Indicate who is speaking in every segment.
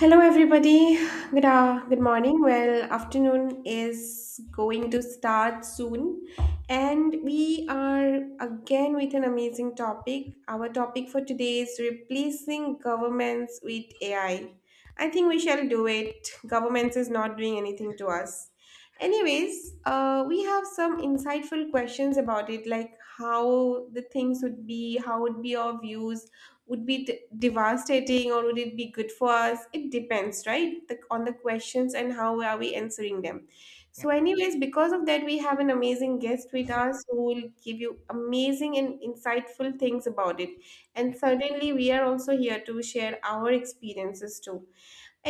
Speaker 1: Hello, everybody. Good morning. Well, afternoon is going to start soon, and we are again with an amazing topic. Our topic for today is replacing governments with AI. I think we shall do it. Governments is not doing anything to us. Anyways, we have some insightful questions about it, like how the things would be, how would be our views, would be devastating, or would it be good for us? It depends, right? On the questions and how are we answering them.
Speaker 2: Yeah.
Speaker 1: So anyways, because of that, we have an amazing guest with us who will give you amazing and insightful things about it, and
Speaker 2: Yeah.
Speaker 1: certainly we are also here to share our experiences too.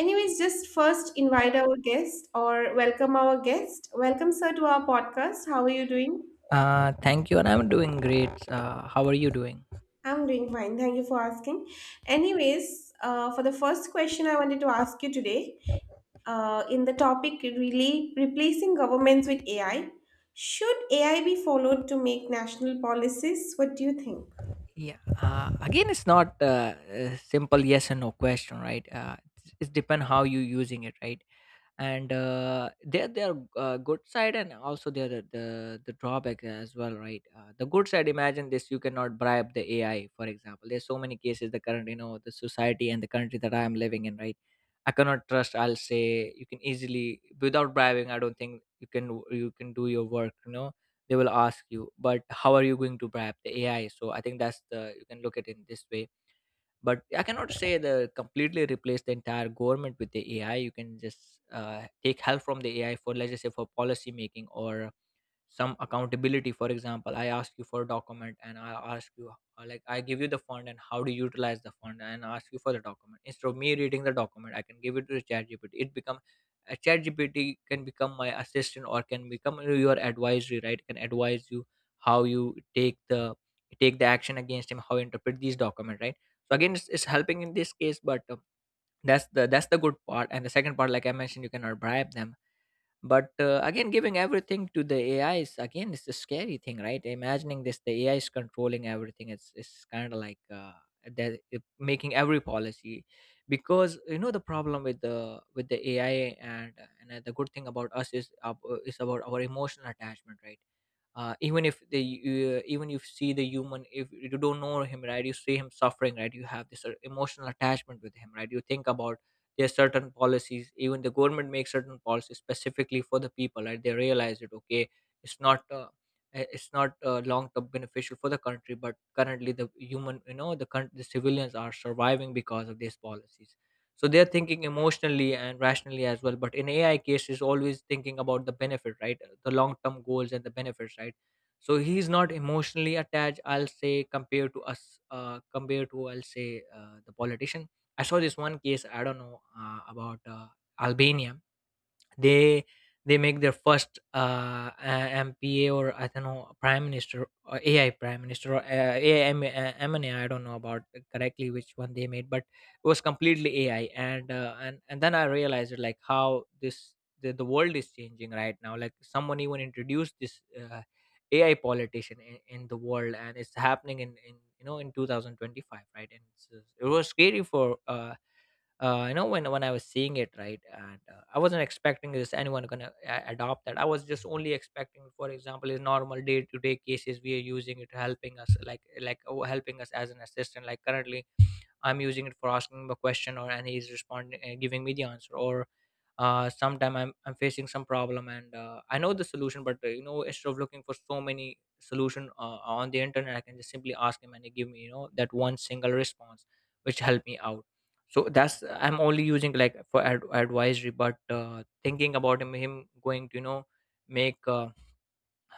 Speaker 1: Anyways, just first invite our guest, or welcome our guest. Welcome, sir, to our podcast. How are you doing?
Speaker 2: Thank you, and I'm doing great. How are you doing?
Speaker 1: I'm doing fine. Thank you for asking. Anyways, for the first question I wanted to ask you today, in the topic really replacing governments with AI, should AI be followed to make national policies? What do you think?
Speaker 2: Yeah. Again, it's not a simple yes and no question, right? It depends how you using it, right? And there their good side, and also their the drawback as well, right. The good side, imagine this, you cannot bribe the AI. For example, there's so many cases. The current, you know, the society and the country that I am living in, right, I cannot trust, I'll say. You can easily, without bribing, I don't think you can, you can do your work, you know. They will ask you, but how are you going to bribe the AI? So I think that's the, you can look at it in this way. But I cannot say the completely replace the entire government with the AI. You can just take help from the AI for, let's just say, for policy making or some accountability. For example, I ask you for a document, and I ask you like I give you the fund, and how do you utilize the fund, and ask you for the document. Instead of me reading the document, I can give it to the chat GPT. It become a chat GPT can become my assistant, or can become your advisory, right, can advise you how you take the, take the action against him, how you interpret these document, right. So again, it's helping in this case, but that's the, that's the good part. And the second part, like I mentioned, you cannot bribe them. But again, giving everything to the AI is, again, it's a scary thing, right. Imagining this, the AI is controlling everything. It's kind of like that making every policy, because you know the problem with the AI, and the good thing about us is, is about our emotional attachment, right. Even if they, even you see the human, if you don't know him, right, you see him suffering, right, you have this emotional attachment with him, right, you think about. There's certain policies, even the government makes certain policies specifically for the people, right, they realize it. Okay, it's not it's not long term beneficial for the country, but currently the human, you know, the the civilians are surviving because of these policies. So they're thinking emotionally and rationally as well, but in AI case is always thinking about the benefit, right. The long term goals and the benefits, right. So he's not emotionally attached, I'll say, compared to us. Compared to, I'll say, the politician. I saw this one case. I don't know about Albania. They they make their first MPA, or I don't know, prime minister, or AI prime minister, or AM, MNA, don't know about correctly which one they made, but it was completely AI. And then I realized it, like how this, the world is changing right now. Like someone even introduced this AI politician in the world, and it's happening in you know, in 2025, right. And it was scary for you know, when I was seeing it, right. And I wasn't expecting this, anyone gonna adopt that. I was just only expecting, for example, in normal day to day cases we are using it, helping us, like, oh, helping us as an assistant, like currently I'm using it for asking him a question, or and he's responding, giving me the answer, or sometime I'm facing some problem, and I know the solution, but you know, instead of looking for so many solution on the internet, I can just simply ask him, and he give me, you know, that one single response which helped me out. So that's I'm only using like for advisory. But thinking about him, going to, you know, make uh,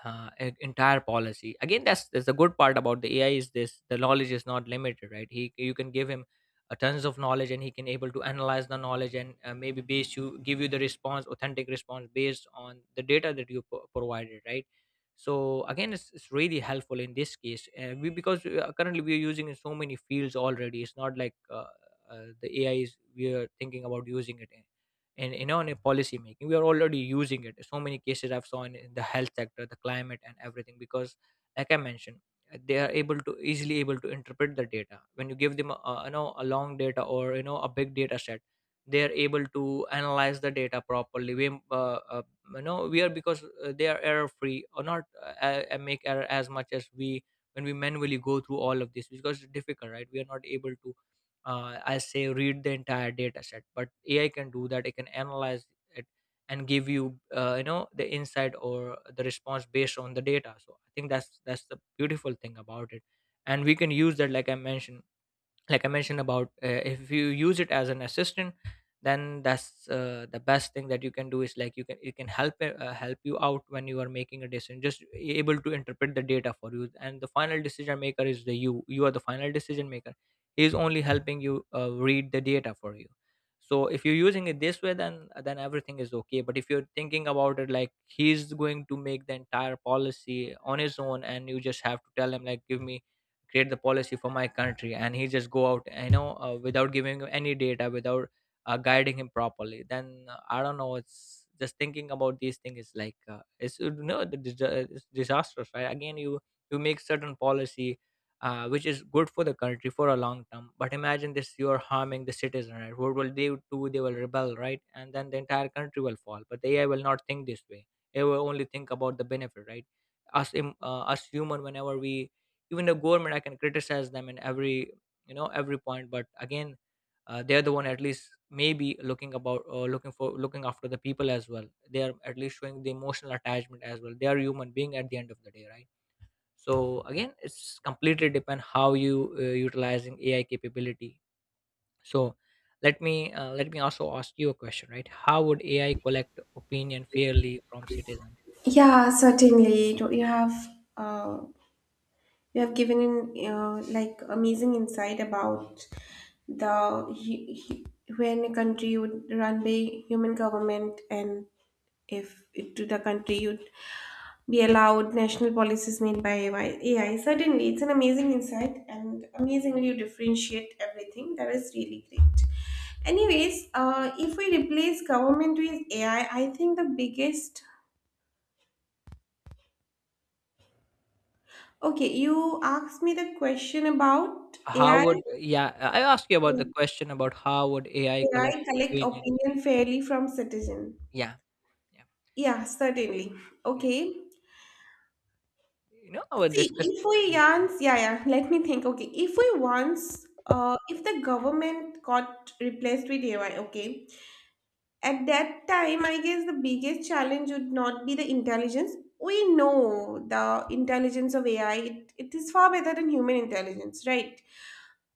Speaker 2: uh, e- entire policy. Again, that's the good part about the AI is this, the knowledge is not limited, right. He, you can give him tons of knowledge, and he can able to analyze the knowledge, and maybe base you give you the response, authentic response, based on the data that you provided, right. So again, it's really helpful in this case. We, because currently we're using in so many fields already. It's not like the AI is, we are thinking about using it in, you know, in a policy making, we are already using it. So many cases I've seen in the health sector, the climate, and everything, because, like I mentioned, they are able to easily able to interpret the data when you give them a you know, a long data, or you know, a big data set. They are able to analyze the data properly. We you know we are, because they are error free, or not make error as much as we, when we manually go through all of this, because it's difficult, right. We are not able to I say read the entire data set. But AI can do that. It can analyze it, and give you, you know, the insight or the response based on the data. So I think that's the beautiful thing about it, and we can use that, like I mentioned, like I mentioned about, if you use it as an assistant. Then that's the best thing that you can do is, like, you can, it can help help you out when you are making a decision, just able to interpret the data for you, and the final decision maker is the, you are the final decision maker. He is only helping you read the data for you. So if you're using it this way, then everything is okay. But if you're thinking about it like he's going to make the entire policy on his own, and you just have to tell him, like, give me, create the policy for my country, and he just go out, you know, without giving him any data, without guiding him properly, then I don't know, it's just thinking about these things is like it's, you know, the it's disastrous, right. Again, you make certain policy which is good for the country for a long term, but imagine this, you're harming the citizen, right. What will they do? They will rebel, right, and then the entire country will fall. But the AI will not think this way, it will only think about the benefit, right. Us us human, whenever we, even the government, I can criticize them in every, you know, every point. But again, they're the one at least maybe looking about, looking for, looking after the people as well. They are at least showing the emotional attachment as well, they are human being at the end of the day, right. So again, it's completely depend how you utilizing AI capability. So let me, let me also ask you a question, right. How would AI collect opinion fairly from citizens?
Speaker 1: Yeah, certainly. Do uh, You have given in like amazing insight about the when a country would run by human government, and if it, to the country would be allowed national policies made by AI. Certainly, it's an amazing insight, and amazingly you differentiate everything. That is really great. Anyways, if we replace government with AI, I think the biggest. Okay, you asked me the question about
Speaker 2: How
Speaker 1: AI.
Speaker 2: would, yeah, I asked you about the question about how would AI collect
Speaker 1: AI collect
Speaker 2: opinion.
Speaker 1: opinion fairly from citizen.
Speaker 2: Yeah, yeah,
Speaker 1: Yeah, certainly.
Speaker 2: yeah.
Speaker 1: Okay.
Speaker 2: You know, our
Speaker 1: See,
Speaker 2: discuss.
Speaker 1: if we
Speaker 2: Yeah,
Speaker 1: once, let me think. Okay, if we once, if the government got replaced with AI, okay, at that time, I guess the biggest challenge would not be the intelligence. We know the intelligence of AI, it is far better than human intelligence, right?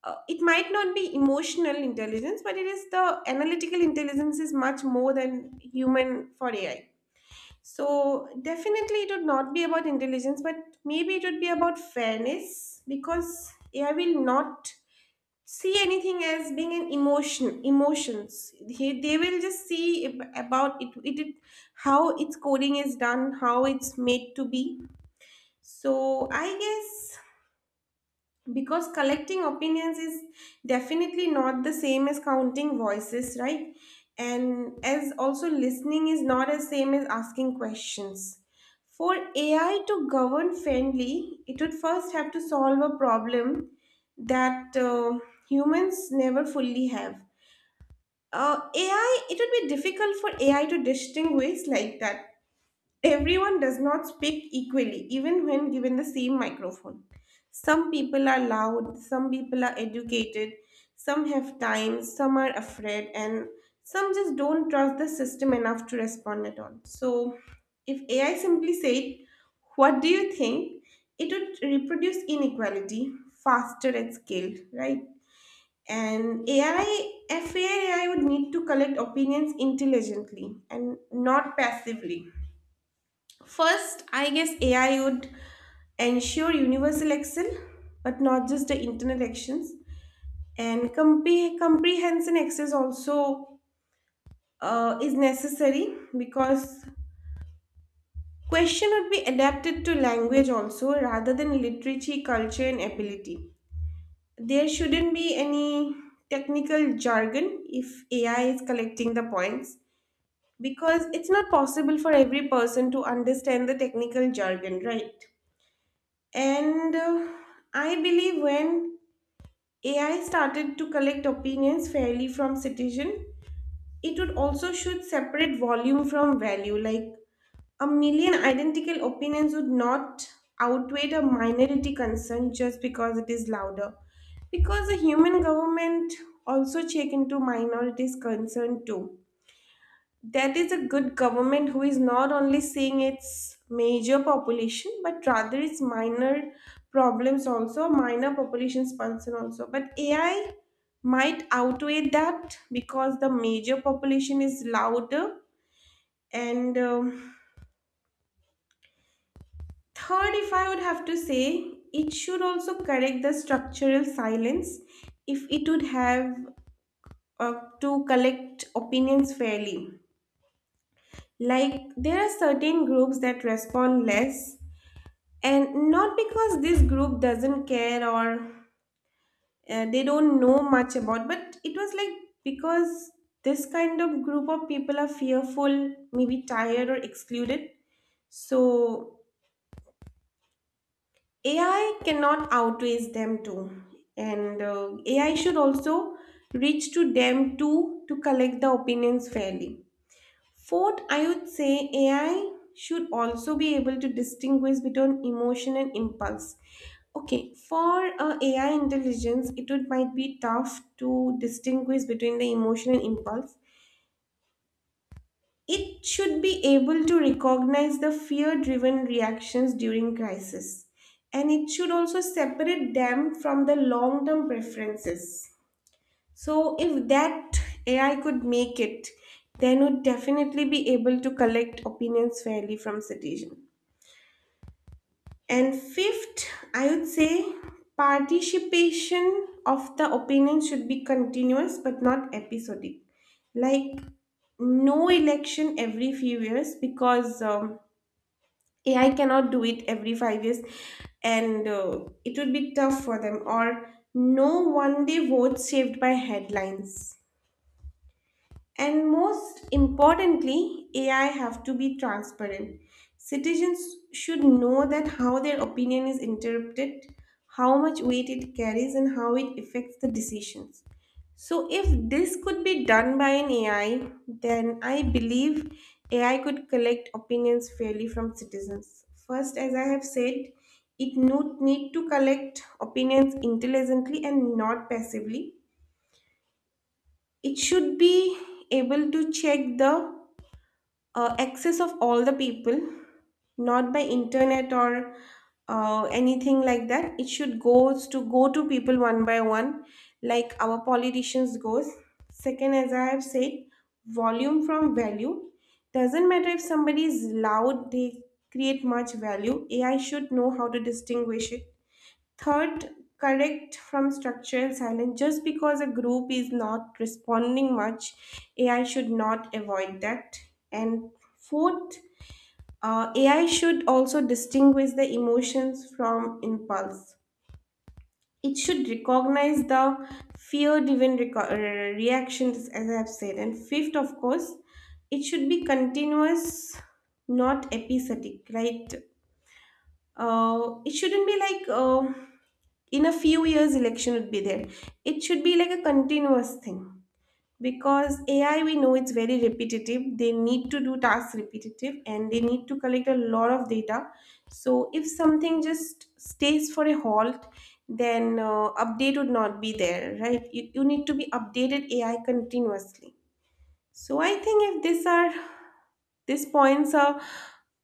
Speaker 1: It might not be emotional intelligence, but it is the analytical intelligence is much more than human for AI. So definitely it would not be about intelligence, but maybe it would be about fairness because AI will not see anything as being an emotions. They will just see about how its coding is done, how it's made to be. So I guess because collecting opinions is definitely not the same as counting voices, right? And as also listening is not as same as asking questions. For AI to govern fairly, it would first have to solve a problem that humans never fully have. AI, it would be difficult for AI to distinguish like that. Everyone does not speak equally, even when given the same microphone. Some people are loud, some people are educated, some have time, some are afraid, and some just don't trust the system enough to respond at all. So, if AI simply said, "What do you think?" it would reproduce inequality faster at scale, right? And FAI would need to collect opinions intelligently and not passively. First, I guess AI would ensure universal excel, but not just the internal actions. And comprehension access also is necessary because question would be adapted to language also rather than literature, culture, and ability. There shouldn't be any technical jargon if AI is collecting the points because it's not possible for every person to understand the technical jargon, right? And I believe when AI started to collect opinions fairly from citizen, it would also should separate volume from value. Like a million identical opinions would not outweigh a minority concern just because it is louder. Because the human government also check into minorities concern too. That is a good government who is not only seeing its major population, but rather its minor problems also, minor population's concern also. But AI might outweigh that because the major population is louder. And third, if I would have to say, it should also correct the structural silence if it would have uh, to collect opinions fairly. Like, there are certain groups that respond less, and not because this group doesn't care, or they don't know much about, but it was like because this kind of group of people are fearful, maybe tired or excluded. So AI cannot outweighs them too, and AI should also reach to them too to collect the opinions fairly. Fourth, I would say AI should also be able to distinguish between emotion and impulse. Okay, for AI intelligence, it would might be tough to distinguish between the emotion and impulse. It should be able to recognize the fear-driven reactions during crisis, and it should also separate them from the long-term preferences. So, if that AI could make it, then would definitely be able to collect opinions fairly from citizens. And fifth, I would say participation of the opinion should be continuous but not episodic. Like no election every few years because AI cannot do it every five years, and it would be tough for them. Or no one day votes saved by headlines. And most importantly, AI have to be transparent. Citizens should know that how their opinion is interpreted, how much weight it carries, and how it affects the decisions. So, if this could be done by an AI, then I believe AI could collect opinions fairly from citizens. First, as I have said, it need to collect opinions intelligently and not passively. It should be able to check the access of all the people, not by internet or anything like that. It should goes to go to people one by one, like our politicians goes. Second, as I have said, volume from value. Doesn't matter if somebody is loud, they create much value. AI should know how to distinguish it. Third, correct from structural silence. Just because a group is not responding much, AI should not avoid that. And fourth, AI should also distinguish the emotions from impulse. It should recognize the fear driven reactions, as I have said. And fifth, of course, it should be continuous, not episodic, right? It shouldn't be like in a few years election would be there. It should be like a continuous thing because AI, we know it's very repetitive. They need to do tasks repetitive, and they need to collect a lot of data. So if something just stays for a halt, then update would not be there, right? You need to be updated AI continuously. So I think if these are these points are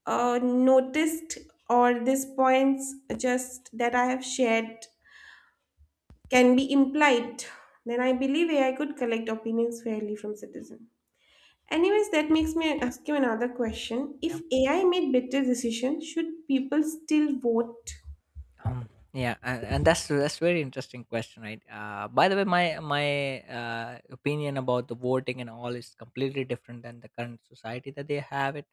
Speaker 1: noticed, or these points just that I have shared can be implied, then I believe AI could collect opinions fairly from citizens. Anyways, that makes me ask you another question. If
Speaker 2: yeah.
Speaker 1: AI made better decisions, should people still vote?
Speaker 2: Yeah, and that's very interesting question, right? By the way, my opinion about the voting and all is completely different than the current society that they have it.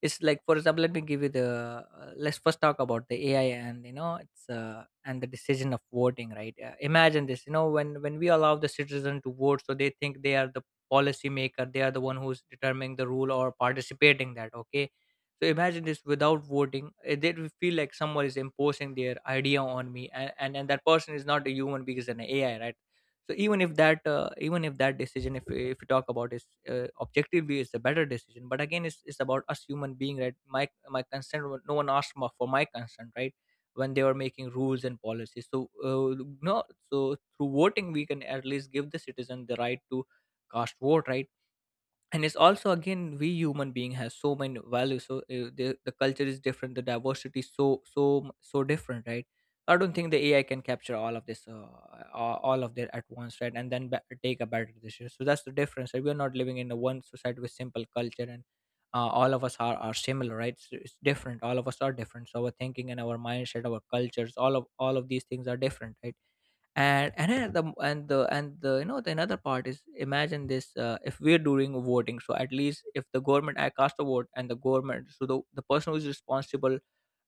Speaker 2: It's like, for example, let me give you the. Let's first talk about the AI, and you know it's and the decision of voting, right? Imagine this, you know, when we allow the citizen to vote, so they think they are the policy maker, they are the one who's determining the rule or participating that. Okay. So imagine this, without voting, eh, they will feel like someone is imposing their idea on me, and that person is not a human being, is an AI, right? So even if that decision, if if you talk about is, objectively, is a better decision. But again, it's about us human being, right? My consent, no one asked for my consent, right? When they were making rules and policies, so no, so through voting we can at least give the citizen the right to cast vote, right? And it's also, again, we human being has so many values, so the culture is different, the diversity is so so different, right. So I don't think the AI can capture all of this all of that at once, right, and then take a better decision. So that's the difference, right? We are not living in a one society with simple culture and all of us are similar, right. It's different, all of us are different, so our thinking and our mindset, our cultures, all of these things are different, right. And then the and the and the you know the another part is, imagine this, if we're doing voting, so at least if the government, I cast a vote and the government, so the person who's responsible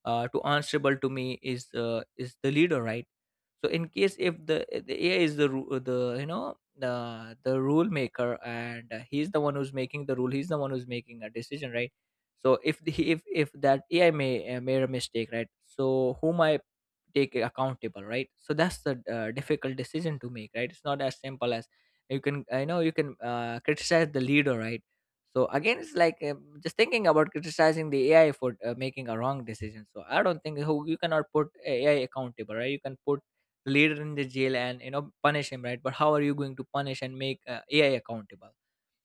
Speaker 2: to answerable to me is the leader, right. So in case if the AI is the the rule maker, and he's the one who's making the rule, he's the one who's making a decision, right. So if if that AI may made a mistake, right, so whom I take accountable, right? So that's the difficult decision to make, right. It's not as simple as, you can, I know you can criticize the leader, right. So again, it's like just thinking about criticizing the AI for making a wrong decision. So I don't think, who, you cannot put AI accountable, right? You can put the leader in the jail and, you know, punish him, right? But how are you going to punish and make AI accountable?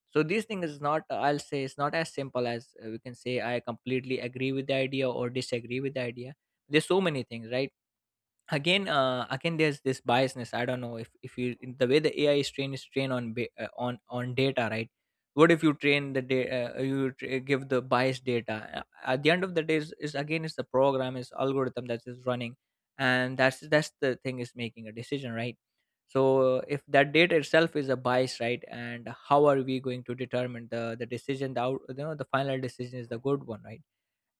Speaker 2: So these things is not, I'll say, it's not as simple as we can say I completely agree with the idea or disagree with the idea. There's so many things, right? Again, there's this biasness. I don't know, if you, the way the AI is trained, is trained on on data, right. What if you train the data, you give the biased data. At the end of the day is again, it's the program, is algorithm that is running, and that's the thing is making a decision, right. So if that data itself is a bias, right, and how are we going to determine the decision, the you know, the final decision is the good one, right.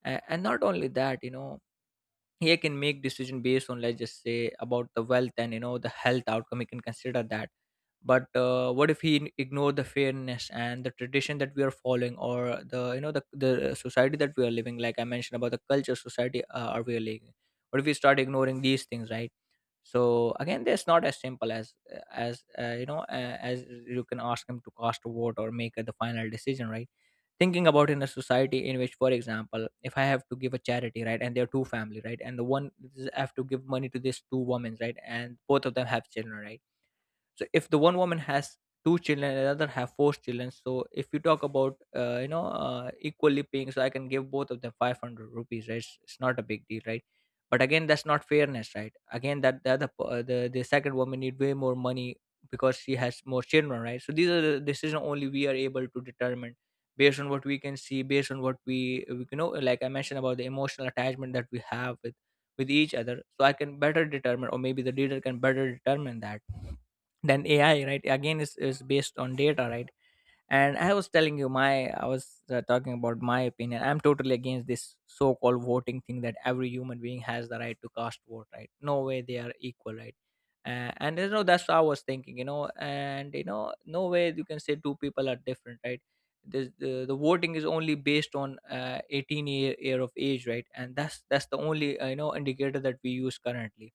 Speaker 2: And not only that, you know, he can make decision based on, let's just say, about the wealth and, you know, the health outcome, he can consider that, but what if he ignore the fairness and the tradition that we are following, or the, you know, the society that we are living, like I mentioned about the culture, society are we are living, what if we start ignoring these things, right. So again, it's not as simple as, you know, as you can ask him to cast a vote or make the final decision, right. Thinking about in a society in which, for example, if I have to give a charity, right, and there are two family, right, and the one is, I have to give money to these two women, right, and both of them have children, right. So if the one woman has two children and another have four children, so if you talk about, equally paying, so I can give both of them 500 rupees, right. It's not a big deal, right. But again, that's not fairness, right. Again, that the the second woman need way more money, because she has more children, right. So these are the decisions only we are able to determine, based on what we can see, based on what we, you know, like I mentioned about the emotional attachment that we have with each other. So I can better determine, or maybe the leader can better determine that, then AI, right. Again is based on data, right. And I was telling you, my I was talking about my opinion. I'm totally against this so-called voting thing, that every human being has the right to cast vote, right. No way they are equal, right. And, you know, that's what I was thinking, you know, and, you know, no way you can say two people are different, right. This the voting is only based on 18 year of age, right. And that's the only, indicator that we use currently.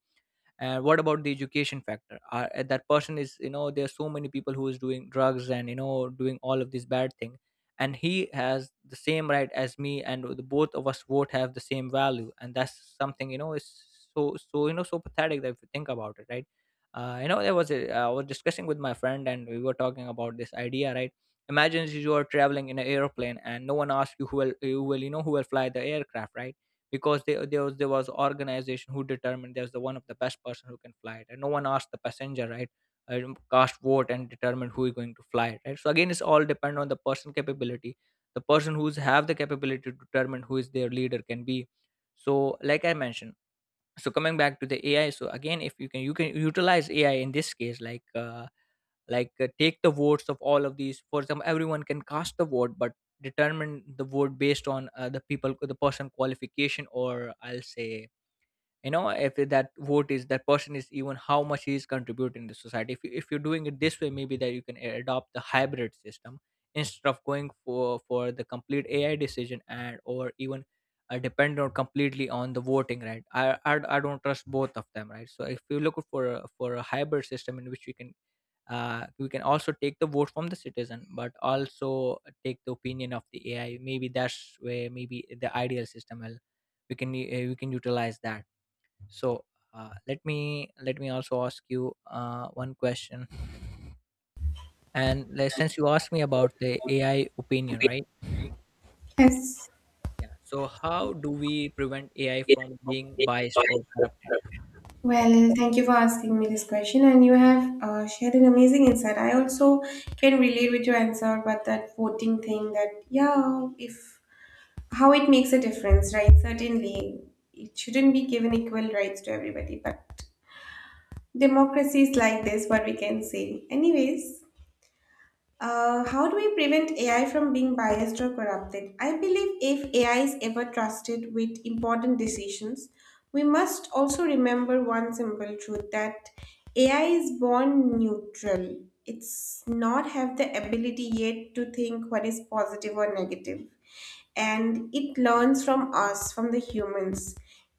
Speaker 2: And what about the education factor? Are that person is, you know, there's so many people who is doing drugs and, you know, doing all of this bad thing, and he has the same right as me, and the both of us, both have the same value, and that's something, you know, is so, so, you know, so pathetic, that if you think about it, right. You know, there was a, I was discussing with my friend, and we were talking about this idea, right. Imagine you are traveling in an airplane, and no one asks you who will, you know, who will fly the aircraft, right. Because they, there was organization who determined, there's the one of the best person who can fly it, and no one asked the passenger, right. Cast vote and determine who is going to fly it, right. So again, it's all depend on the person capability. The person who's have the capability to determine who is their leader can be. So like I mentioned, so coming back to the AI, so again, if you can, you can utilize AI in this case, like take the votes of all of these, for example, everyone can cast the vote, but determine the vote based on the people, the person qualification, or I'll say, you know, if that vote is, that person is, even how much he is contributing to society. If, you, if you're doing it this way, maybe that you can adopt the hybrid system, instead of going for the complete AI decision, and or even depend on completely on the voting, right. I I don't trust both of them, right. So if you look for for a hybrid system in which we can also take the vote from the citizen, but also take the opinion of the AI. Maybe that's where, maybe the ideal system will, we can we can utilize that. So let me also ask you one question. And, like, since you asked me about the AI opinion, right,
Speaker 1: Yes.
Speaker 2: yeah, so how do we prevent AI from being biased or corrupted?
Speaker 1: Well, thank you for asking me this question, and you have shared an amazing insight. I also can relate with your answer, but that voting thing that, yeah, if how it makes a difference, right? Certainly, it shouldn't be given equal rights to everybody, but democracy is like this, what we can say. Anyways, how do we prevent AI from being biased or corrupted? I believe if AI is ever trusted with important decisions, we must also remember one simple truth that AI is born neutral. It's not have the ability yet to think what is positive or negative, and it learns from us, from the humans.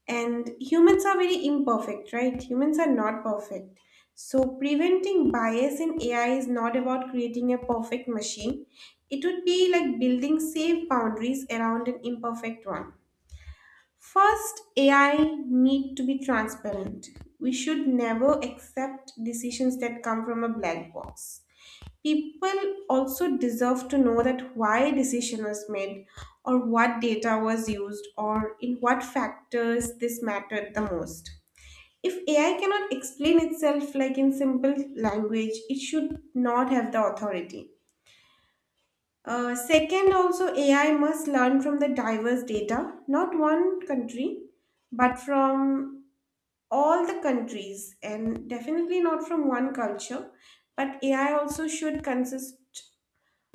Speaker 1: And humans are very imperfect, right? Humans are not perfect. So, preventing bias in AI is not about creating a perfect machine. It would be like building safe boundaries around an imperfect one. First, AI need to be transparent. We should never accept decisions that come from a black box. People also deserve to know that why a decision was made, or what data was used, or in what factors this mattered the most. If AI cannot explain itself like in simple language, it should not have the authority. Second, also AI must learn from the diverse data, not one country, but from all the countries, and definitely not from one culture. But AI also should consist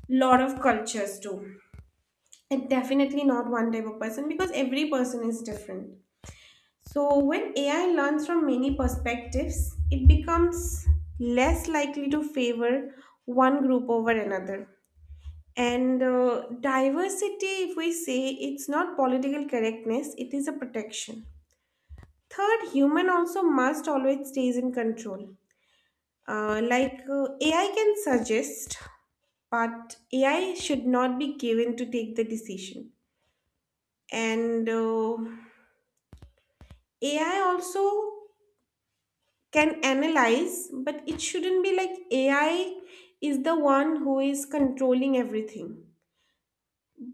Speaker 1: lot of cultures too. And definitely not one type of person because every person is different. So when AI learns from many perspectives, it becomes less likely to favor one group over another. And diversity, if we say it's not political correctness, it is a protection. Third, human also must always stays in control. AI can suggest, but AI should not be given to take the decision. And AI also can analyze, but it shouldn't be like AI is the one who is controlling everything.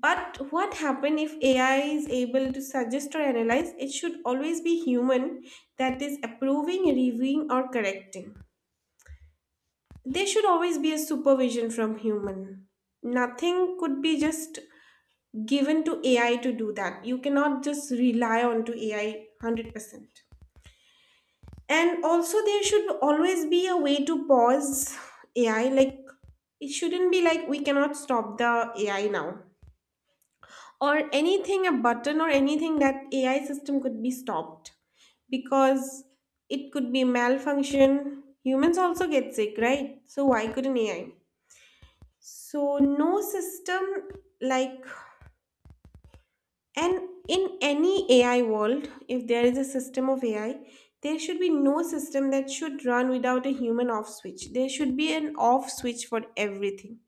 Speaker 1: But what happen if AI is able to suggest or analyze, it should always be human that is approving, reviewing, or correcting. There should always be a supervision from human. Nothing could be just given to AI to do that. You cannot just rely on to AI 100%. And also, there should always be a way to pause AI. Like, it shouldn't be like we cannot stop the AI now, or anything, a button, or anything that AI system could be stopped, because it could be malfunction. Humans also get sick, right? So, why couldn't AI? So, no system like And In any AI world, if there is a system of AI, there should be no system that should run without a human off switch. There should be an off switch for everything.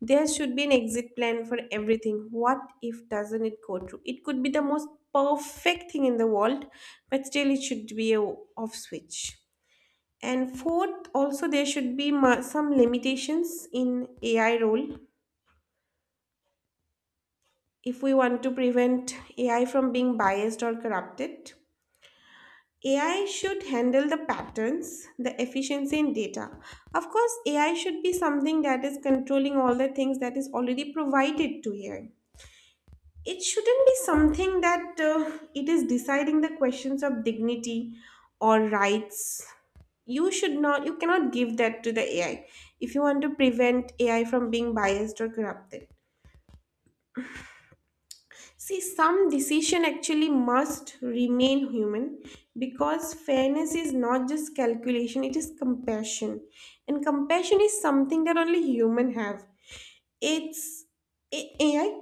Speaker 1: There should be an exit plan for everything. What if doesn't it go through? It could be the most perfect thing in the world, but still it should be a off switch. And fourth, also there should be some limitations in AI role if we want to prevent AI from being biased or corrupted. AI should handle the patterns, the efficiency in data. Of course, AI should be something that is controlling all the things that is already provided to AI. It shouldn't be something that it is deciding the questions of dignity or rights. You should not, you cannot give that to the AI if you want to prevent AI from being biased or corrupted. See, some decision actually must remain human, because fairness is not just calculation, it is compassion. And compassion is something that only human have. It's AI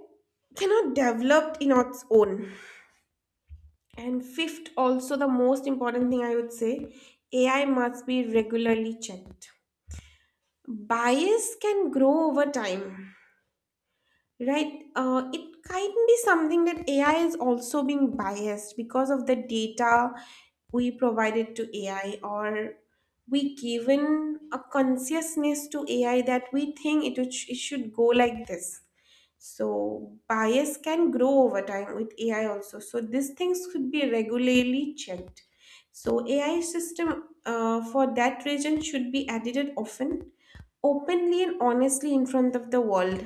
Speaker 1: cannot develop in its own. And fifth, also the most important thing I would say, AI must be regularly checked. Bias can grow over time. Right. It can be something that AI is also being biased because of the data we provided to AI, or we given a consciousness to AI that we think it should go like this. So bias can grow over time with AI also. So these things should be regularly checked. So AI system for that region should be edited often, openly and honestly in front of the world.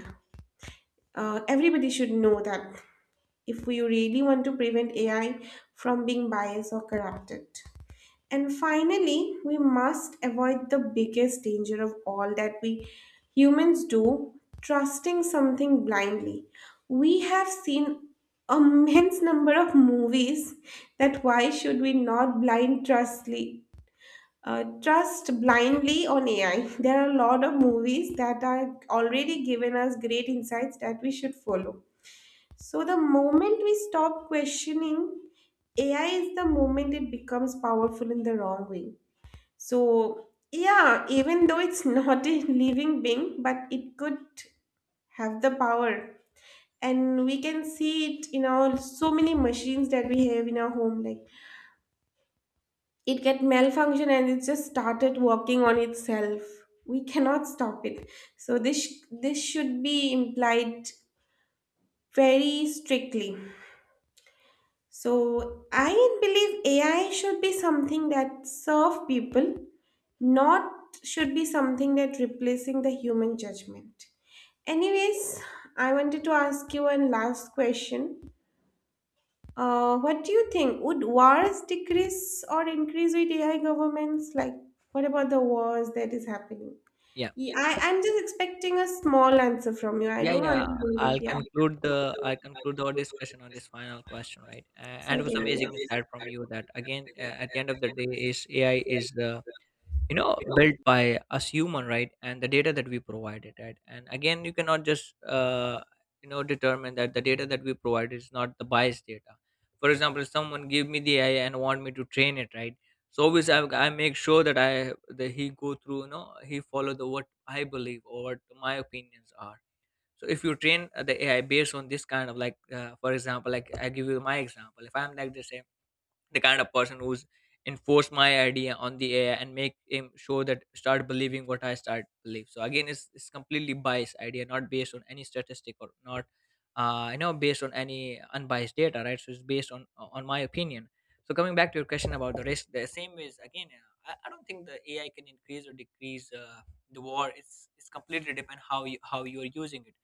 Speaker 1: Everybody should know that, if we really want to prevent AI from being biased or corrupted. And finally, we must avoid the biggest danger of all that we humans do: trusting something blindly. We have seen immense number of movies that why should we not blind trustly trust blindly on AI. There are a lot of movies that are already given us great insights that we should follow. So the moment we stop questioning AI is the moment it becomes powerful in the wrong way. So yeah, even though it's not a living being, but it could have the power. And we can see it in our so many machines that we have in our home. Like, it get malfunction and it just started working on itself. We cannot stop it. So this should be implied very strictly. So I believe AI should be something that serve people, not should be something that replacing the human judgment. Anyways, I wanted to ask you one last question. What do you think? Would wars decrease or increase with AI governments? Like, what about the wars that is happening?
Speaker 2: Yeah.
Speaker 1: Yeah, I'm just expecting a small answer from you. I
Speaker 2: Yeah,
Speaker 1: don't want
Speaker 2: yeah.
Speaker 1: to go deep.
Speaker 2: I'll
Speaker 1: Yeah,
Speaker 2: conclude the, I'll conclude our discussion on this final question, right? And it was
Speaker 1: certainly.
Speaker 2: amazing
Speaker 1: Yes.
Speaker 2: insight from you, that again, at the end of the day, is AI is the, you know, built by us human, right? And the data that we provided, right? And again, you cannot just you know, determine that the data that we provide is not the biased data. For example, if someone give me the AI and want me to train it, right? So always I make sure that I, that he go through, you know, he follow the what I believe or what my opinions are. So if you train the AI based on this kind of, like, for example, like, I give you my example, if I'm like the same, the kind of person who's enforce my idea on the AI and make him show that start believing what I start believe. So again, it's completely biased idea, not based on any statistic, or not based on any unbiased data, right. So it's based on my opinion. So coming back to your question about the risk, the same is again, I don't think the AI can increase or decrease the war. It's completely depend how you, how you're using it.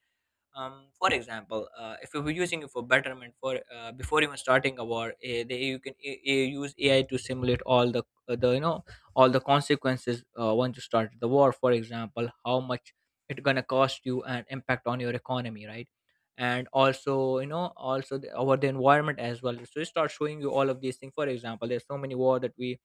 Speaker 2: For example, if you were using it for betterment, for before even starting a war, you can use AI to simulate all the, all the consequences once you start the war. For example, how much it's gonna cost you, and impact on your economy, right. And also, you know, also the, over the environment as well. So it starts showing you all of these things. For example, there's so many war that we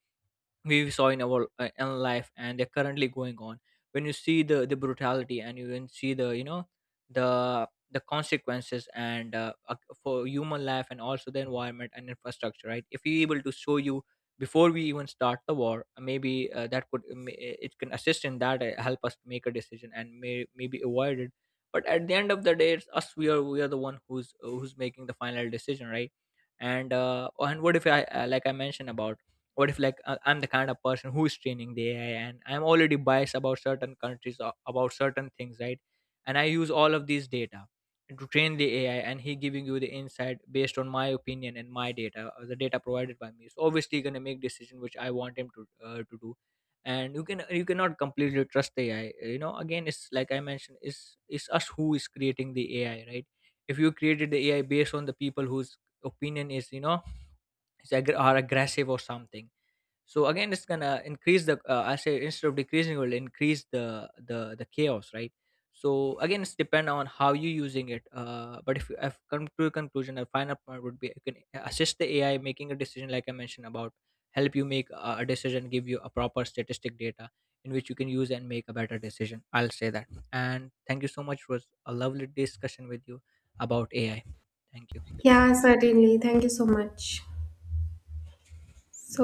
Speaker 2: we saw in our in life, and they're currently going on. When you see the brutality, and you can see the, you know, the consequences and for human life, and also the environment and infrastructure, right. If we able to show you before we even start the war, maybe that could, it can assist in that, help us make a decision and maybe avoid it. But at the end of the day, it's us, we are the one who's who's making the final decision, right. And and what if I like I mentioned about, what if, like, I'm the kind of person who is training the AI, and I'm already biased about certain countries or about certain things, right. And I use all of these data to train the AI, and he giving you the insight based on my opinion and my data, the data provided by me, so obviously going to make decision which I want him to do. And you can, you cannot completely trust the AI, you know, again, it's like I mentioned, it's us who is creating the AI, right. If you created the AI based on the people whose opinion is, you know, is are aggressive or something. So again, it's gonna increase the, I say, instead of decreasing it, will increase the chaos, right. So again, it's depend on how you using it. But if I've come to a conclusion, a final point would be, you can assist the AI making a decision, like I mentioned about, help you make a decision, give you a proper statistic data, in which you can use and make a better decision, I'll say that. And thank you so much, it was a lovely discussion with you about AI. Thank you.
Speaker 1: Yeah, certainly. Thank you so much. So.